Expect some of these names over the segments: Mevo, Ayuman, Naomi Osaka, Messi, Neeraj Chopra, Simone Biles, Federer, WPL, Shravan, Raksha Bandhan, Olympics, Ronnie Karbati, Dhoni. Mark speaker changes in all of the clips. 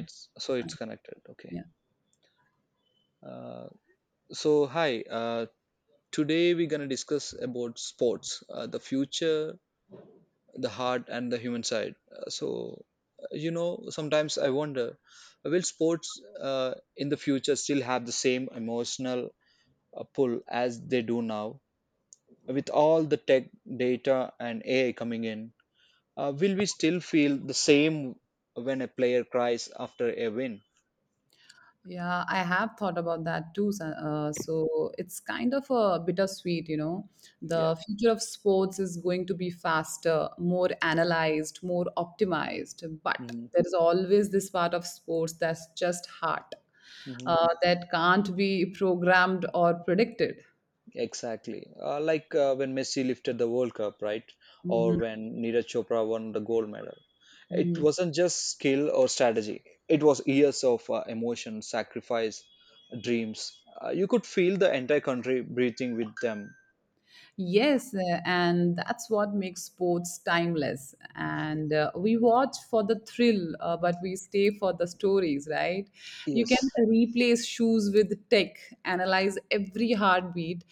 Speaker 1: Uh,
Speaker 2: connected. Okay.
Speaker 1: Yeah,
Speaker 2: Uh, so hi. Today we're gonna discuss about sports, the future, the heart, and the human side. Sometimes I wonder, will sports in the future still have the same emotional pull as they do now? With all the tech data and AI coming in, will we still feel the same when a player cries after a win?
Speaker 1: yeah, I have thought about that too. So it's kind of a bittersweet, you know.
Speaker 2: Yeah.
Speaker 1: The future of sports is going to be faster, more analyzed, more optimized, but
Speaker 2: hmm
Speaker 1: there is always this part of sports that's just hard, that can't be programmed or predicted.
Speaker 2: Exactly. Like when Messi lifted the World Cup, right? Or
Speaker 1: Mhm.
Speaker 2: when Neeraj Chopra won the gold medal. It
Speaker 1: Mhm.
Speaker 2: wasn't just skill or strategy, it was years of emotion, sacrifice, dreams. You could feel the entire country breathing with them.
Speaker 1: Yes, and that's what makes sports timeless. And we watch for the thrill, but we stay for the stories, right? You can
Speaker 2: Yes.
Speaker 1: replace shoes with tech, analyze every heartbeat,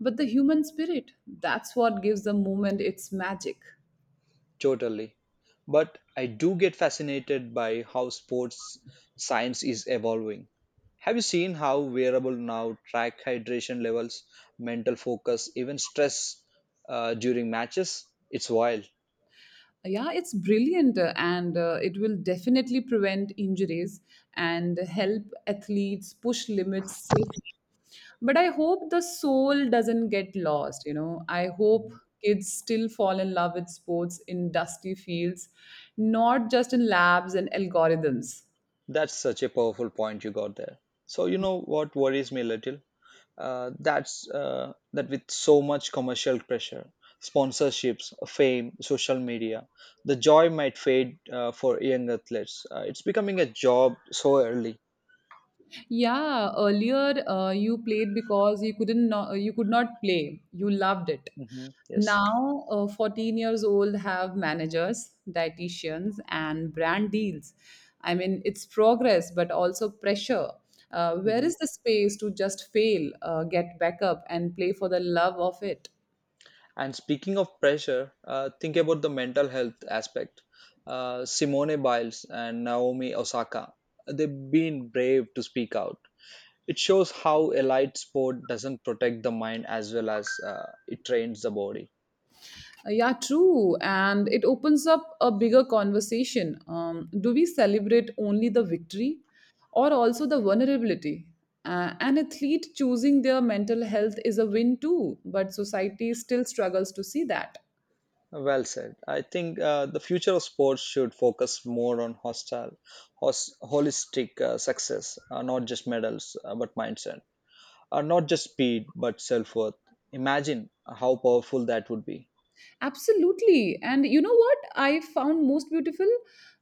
Speaker 1: but the human spirit, that's what gives the moment its magic.
Speaker 2: Totally. But I do get fascinated by how sports science is evolving. Have you seen how wearable now track hydration levels, mental focus, even stress during matches? It's wild.
Speaker 1: Yeah, it's brilliant and it will definitely prevent injuries and help athletes push limits safely. But I hope the soul doesn't get lost, you know. I hope kids still fall in love with sports in dusty fields, not just in labs and algorithms.
Speaker 2: That's such a powerful point you got there. So, you know what worries me a little? That with so much commercial pressure, sponsorships, fame, social media, the joy might fade for young athletes. It's becoming a job so early.
Speaker 1: Yeah, earlier you played because you couldn't no- you could not play. You loved it.
Speaker 2: Yes.
Speaker 1: Now, 14 years old have managers, dietitians, and brand deals. I mean, it's progress, but also pressure. Where
Speaker 2: hmm
Speaker 1: is the space to just fail, get back up, and play for the love of it?
Speaker 2: and speaking of pressure, think about the mental health aspect. Simone Biles and Naomi Osaka, they've been brave to speak out. It shows how elite sport doesn't protect the mind as well as it trains the body.
Speaker 1: Yeah, true. And it opens up a bigger conversation. Do we celebrate only the victory or also the vulnerability? An athlete choosing their mental health is a win too, but society still struggles to see that.
Speaker 2: Well said. I think the future of sports should focus more on holistic success, not just medals, but mindset, not just speed, but self worth. Imagine how powerful that would be.
Speaker 1: Absolutely. And you know what I found most beautiful?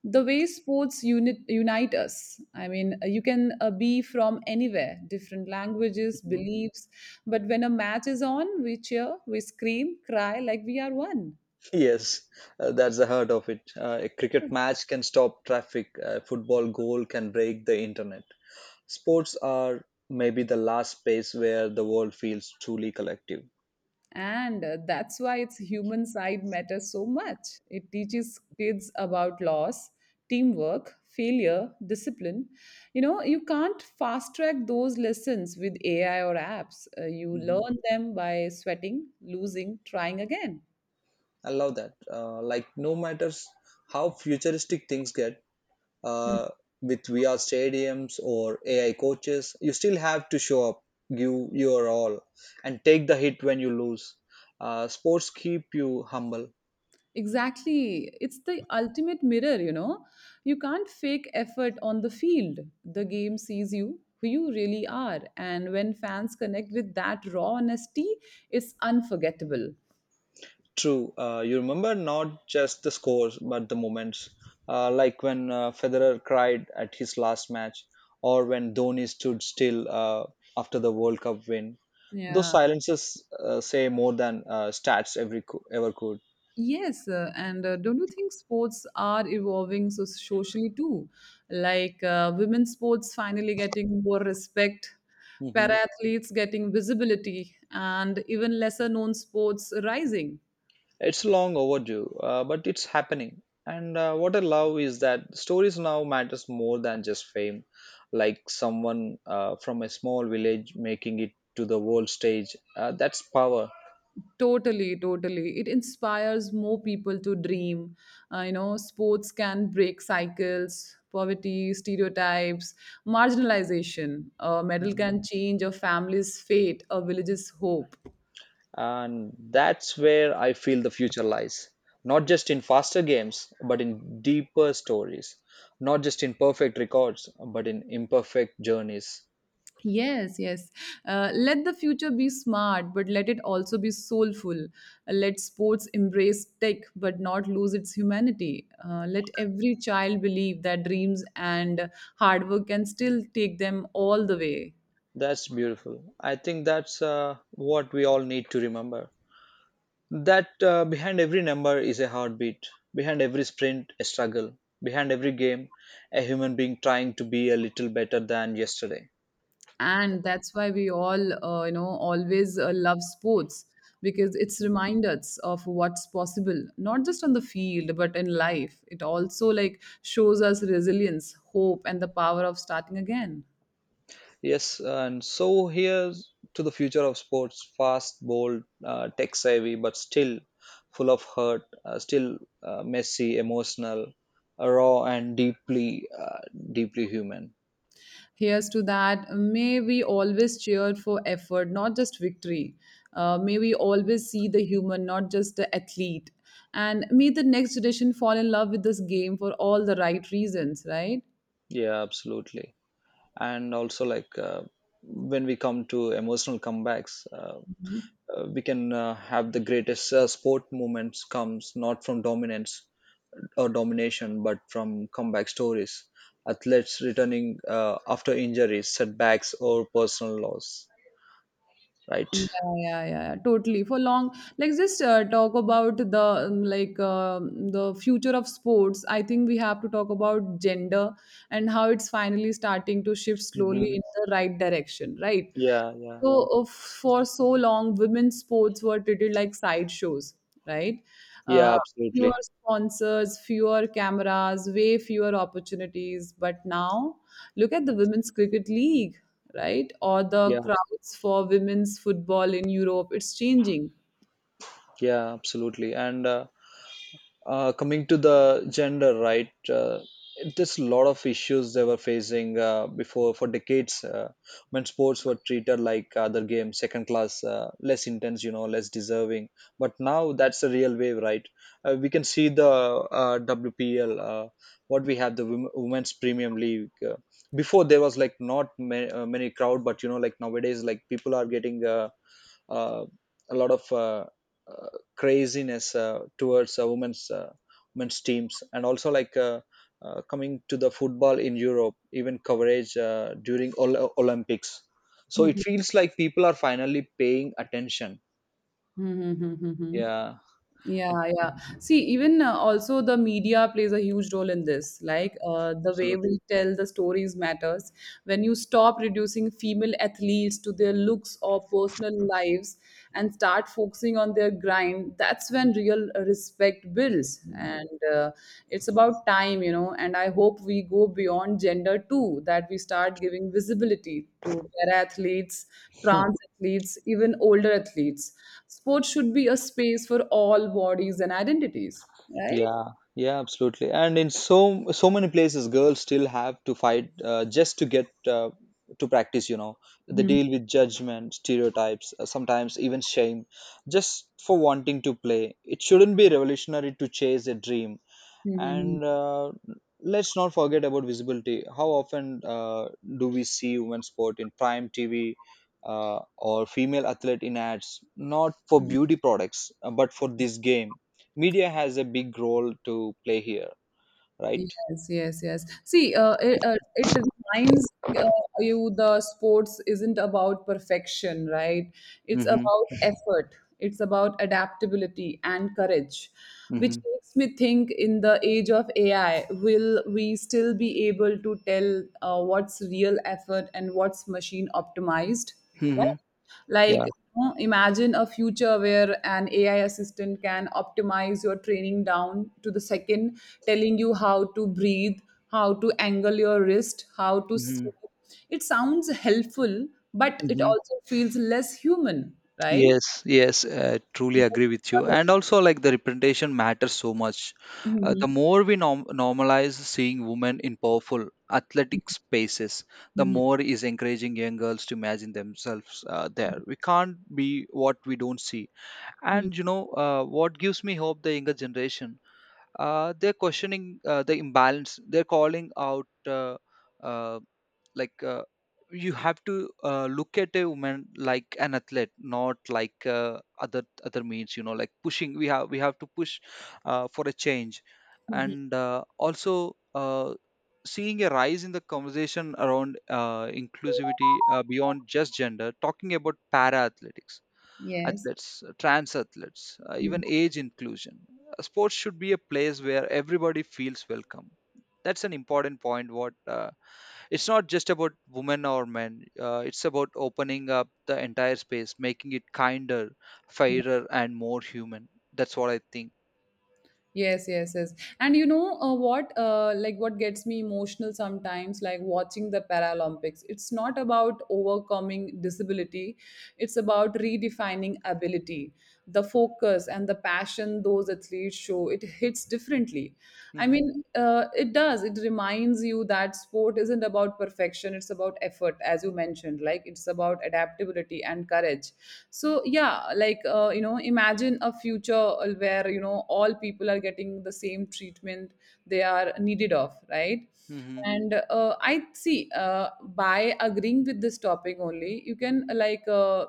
Speaker 1: The way unite us. I mean, you can be from anywhere, different languages,
Speaker 2: Mhm.
Speaker 1: beliefs. But when a match is on, we cheer, we scream, cry like we are one.
Speaker 2: Yes, that's the heart of it. A cricket match can stop traffic, a football goal can break the internet. Sports are maybe the last space where the world feels truly collective.
Speaker 1: And that's why its human side matters so much. It teaches kids about loss, teamwork, failure, discipline. You know, you can't fast track those lessons with AI or apps. You learn them by sweating, losing, trying again.
Speaker 2: I love that. Like no matters how futuristic things get,
Speaker 1: Hmm.
Speaker 2: uh, with VR stadiums or AI coaches, you still have to show up, give your all, and take the hit when you lose. Sports keep you humble.
Speaker 1: Exactly. It's the ultimate mirror, you know. You can't fake effort on the field. The game sees you, who you really are. And when fans connect with that raw honesty, it's unforgettable.
Speaker 2: True. You remember not just the scores, but the moments. Like when Federer cried at his last match, or when Dhoni stood still after the World Cup win. Those
Speaker 1: Yeah.
Speaker 2: silences say more than stats ever could.
Speaker 1: Yes, and don't you think sports are evolving so socially too? Like women's sports finally getting more respect, para
Speaker 2: hmm
Speaker 1: athletes getting visibility, and even lesser known sports rising.
Speaker 2: It's long overdue, but it's happening. And what I love is that stories now matters more than just fame. Like someone from a small village making it to the world stage, that's power.
Speaker 1: Totally, totally. It inspires more people to dream. You know, sports can break cycles, poverty, stereotypes, marginalization. A medal can change a family's fate, a village's hope.
Speaker 2: And that's where I feel the future lies. Not just in faster games, but in deeper stories. Not just in perfect records, but in imperfect journeys.
Speaker 1: Yes, yes. Let the future be smart, but let it also be soulful. Let sports embrace tech, but not lose its humanity. Let every child believe that dreams and hard work can still take them all the way.
Speaker 2: That's beautiful. I think that's what we all need to remember. That behind every number is a heartbeat, behind every sprint, a struggle, behind every game, a human being trying to be a little better than yesterday.
Speaker 1: And that's why we all, you know, always love sports because it's remind us of what's possible, not just on the field, but in life. It also like shows us resilience, hope, and the power of starting again.
Speaker 2: Yes, and so here to the future of sports, fast, bold, tech savvy, but still full of hurt, still messy, emotional, raw, and deeply human.
Speaker 1: Here's to that. May we always cheer for effort, not just victory. May we always see the human, not just the athlete. And may the next generation fall in love with this game for all the right reasons, right?
Speaker 2: Yeah, absolutely. And also, when we come to emotional comebacks, we can have the greatest sport moments comes not from dominance or domination, but from comeback stories, athletes returning after injuries, setbacks, or personal loss. Right?
Speaker 1: Yeah, yeah, yeah, totally. For long, like just talk about the the future of sports. I think we have to talk about gender and how it's finally starting to shift slowly
Speaker 2: hmm
Speaker 1: in the right direction, right?
Speaker 2: Yeah, yeah,
Speaker 1: So for so long, women's sports were treated like sideshows, right?
Speaker 2: yeah,
Speaker 1: Uh, Fewer
Speaker 2: absolutely.
Speaker 1: sponsors, fewer cameras, way fewer opportunities. But now, look at the Women's Cricket League, right? Or the
Speaker 2: Yeah,
Speaker 1: crowds for women's football in Europe, it's changing.
Speaker 2: yeah, absolutely. And Coming to the gender, right? There's a lot of issues they were facing before for decades, when sports were treated like other games, second class, less intense, you know, less deserving. But now that's the real wave, right? We can see the WPL, what we have the women's premium league. Before there was like not many crowd, but you know, like nowadays, like people are getting. Uh, a lot of uh, craziness towards women's teams, and also like coming to the football in Europe, even coverage during Olympics. So it
Speaker 1: Mhm.
Speaker 2: feels like people are finally paying attention.
Speaker 1: Mhm, mhm, mhm.
Speaker 2: Yeah,
Speaker 1: Yeah,
Speaker 2: and-
Speaker 1: yeah. See, even also the media plays a huge role in this. Like the way
Speaker 2: Absolutely.
Speaker 1: we tell the stories matters. When you stop reducing female athletes to their looks or personal lives and start focusing on their grind, that's when real respect builds. And it's about time, you know. And I hope we go beyond gender too, that we start giving visibility to para athletes, trans athletes, even older athletes. Sports should be a space for all bodies and identities, right?
Speaker 2: Yeah, yeah, absolutely. And in so many places, girls still have to fight just to get to practice. You know, they
Speaker 1: Mhm.
Speaker 2: deal with judgment, stereotypes, sometimes even shame, just for wanting to play. It shouldn't be revolutionary to chase a dream.
Speaker 1: Mhm.
Speaker 2: And let's not forget about visibility. How often do we see women's sport in prime TV, or female athlete in ads? Not for beauty products, but for this game. Media has a big role to play here, right?
Speaker 1: Yes, yes, yes. See, it reminds uh, you the sports isn't about perfection, right? It's
Speaker 2: Mm-hmm.
Speaker 1: about effort, it's about adaptability and courage, which
Speaker 2: Mm-hmm.
Speaker 1: makes me think in the age of AI, will we still be able to tell what's real effort and what's machine optimized, right?
Speaker 2: Mm-hmm.
Speaker 1: Like,
Speaker 2: Yeah.
Speaker 1: you know, imagine a future where an AI assistant can optimize your training down to the second, telling you how to breathe, how to angle your wrist, how to
Speaker 2: Mm-hmm.
Speaker 1: sleep. It sounds helpful, but it also feels less human, right?
Speaker 2: Yes, yes, I truly
Speaker 1: Mhm.
Speaker 2: agree with you. And also, like the representation matters so much.
Speaker 1: Mhm.
Speaker 2: The more we normalize seeing women in powerful athletic spaces, the more is encouraging young girls to imagine themselves there. We can't be what we don't see.
Speaker 1: Mhm.
Speaker 2: And you know, what gives me hope, the younger generation, they're questioning the imbalance. They're calling out. Uh, like uh, you have to look at a woman like an athlete, not like other means, you know, like pushing, we have to push for a change.
Speaker 1: Mhm.
Speaker 2: And also uh, seeing a rise in the conversation around inclusivity, beyond just gender, talking about para athletics
Speaker 1: Yes.
Speaker 2: athletes, trans athletes, even age inclusion. Sports should be a place where everybody feels welcome. That's an important point. What It's not just about women or men, it's about opening up the entire space, making it kinder, fairer and more human. That's what I think.
Speaker 1: Yes, yes, yes. And you know what? Like what gets me emotional sometimes, like watching the Paralympics. It's not about overcoming disability; it's about redefining ability. The focus and the passion those athletes show it hits differently. I
Speaker 2: hmm
Speaker 1: mean, it does. It reminds you that sport isn't about perfection; it's about effort but as you mentioned like it's about adaptability and courage so yeah like you know imagine a future where you know all people are getting the same treatment they are needed of right
Speaker 2: hmm
Speaker 1: and I see by agreeing with this topic only you can like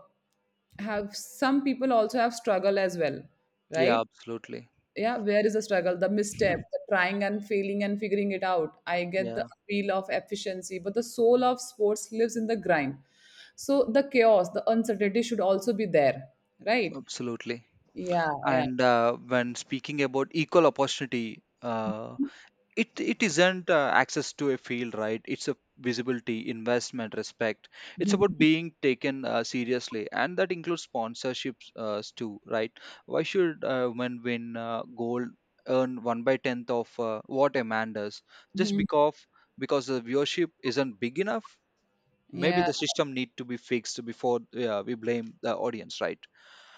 Speaker 1: have some people also have struggle as well
Speaker 2: yeah,
Speaker 1: right
Speaker 2: absolutely.
Speaker 1: yeah, where is the struggle, the misstep, the trying and failing and figuring it out? I get the
Speaker 2: Yeah,
Speaker 1: appeal of efficiency, but the soul of sports lives in the grind. So the chaos, the uncertainty should also be there, right?
Speaker 2: absolutely.
Speaker 1: Yeah, yeah.
Speaker 2: And when speaking about equal opportunity, it isn't access to a field, right? It's a visibility, investment, respect. It's
Speaker 1: Mhm,
Speaker 2: about being taken seriously, and that includes sponsorships too, right? Why should women win gold, earn 1 by 10th of what a man does, just
Speaker 1: mhm.
Speaker 2: because the viewership isn't big enough? Maybe
Speaker 1: Yeah.
Speaker 2: the system need to be fixed before we blame the audience, right?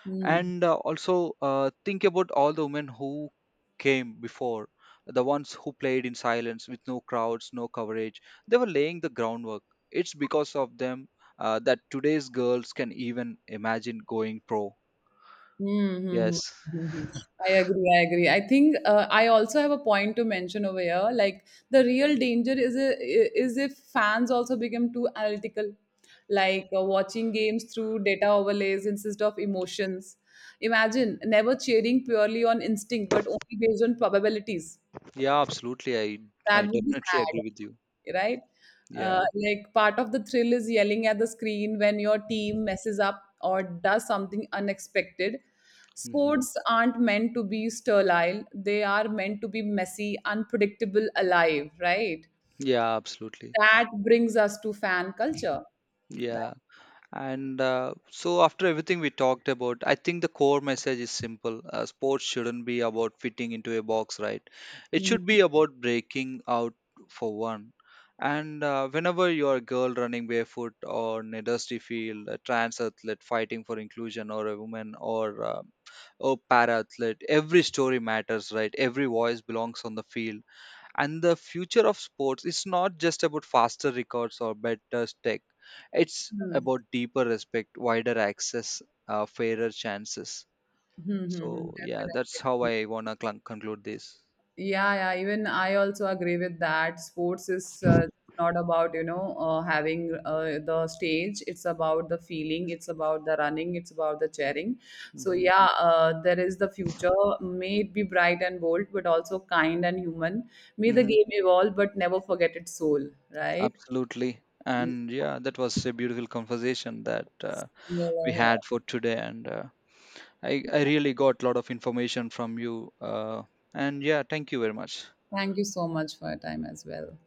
Speaker 1: Hmm.
Speaker 2: And also think about all the women who came before, the ones who played in silence with no crowds, no coverage. They were laying the groundwork. It's because of them that today's girls can even imagine going pro.
Speaker 1: Mm-hmm.
Speaker 2: Yes.
Speaker 1: I agree. I agree. I think I also have a point to mention over here. Like the real danger is a, is if fans also become too analytical, like watching games through data overlays instead of emotions. Imagine never cheering purely on instinct, but only based on probabilities.
Speaker 2: Yeah, absolutely. I
Speaker 1: That would be
Speaker 2: definitely agree with
Speaker 1: sad,
Speaker 2: you.
Speaker 1: right?
Speaker 2: Yeah.
Speaker 1: Like part of the thrill is yelling at the screen when your team messes up or does something unexpected.
Speaker 2: hmm
Speaker 1: Sports aren't meant to be sterile, they are meant to be messy, unpredictable, alive, right?
Speaker 2: yeah, absolutely.
Speaker 1: That brings us to fan culture.
Speaker 2: Yeah.
Speaker 1: Right?
Speaker 2: And so, after everything we talked about, I think the core message is simple. Sports shouldn't be about fitting into a box, right? It should be
Speaker 1: Mhm.
Speaker 2: about breaking out for one. And whenever you're a girl running barefoot or in a dusty field, a trans athlete fighting for inclusion, or a woman, or a para athlete, every story matters, right? Every voice belongs on the field. And the future of sports is not just about faster records or better tech, it's
Speaker 1: Mhm.
Speaker 2: about deeper respect, wider access, fairer chances.
Speaker 1: Mhm. Mhm.
Speaker 2: So yeah, that's how
Speaker 1: Definitely.
Speaker 2: I wanna conclude this.
Speaker 1: Yeah, yeah. Even I also agree with that. Sports is not about, you know, having the stage. It's about the feeling. It's about the running. It's about the cheering. So,
Speaker 2: hmm
Speaker 1: yeah, there is the future. May it be bright and bold, but also kind and human. May the
Speaker 2: hmm
Speaker 1: game evolve, but never forget its soul, right?
Speaker 2: Absolutely.
Speaker 1: Yeah.
Speaker 2: And yeah, that was a beautiful conversation that we
Speaker 1: Yeah.
Speaker 2: had for today. And uh, I really got a lot of information from you, and yeah, thank you very much.
Speaker 1: Thank you so much for your time as well.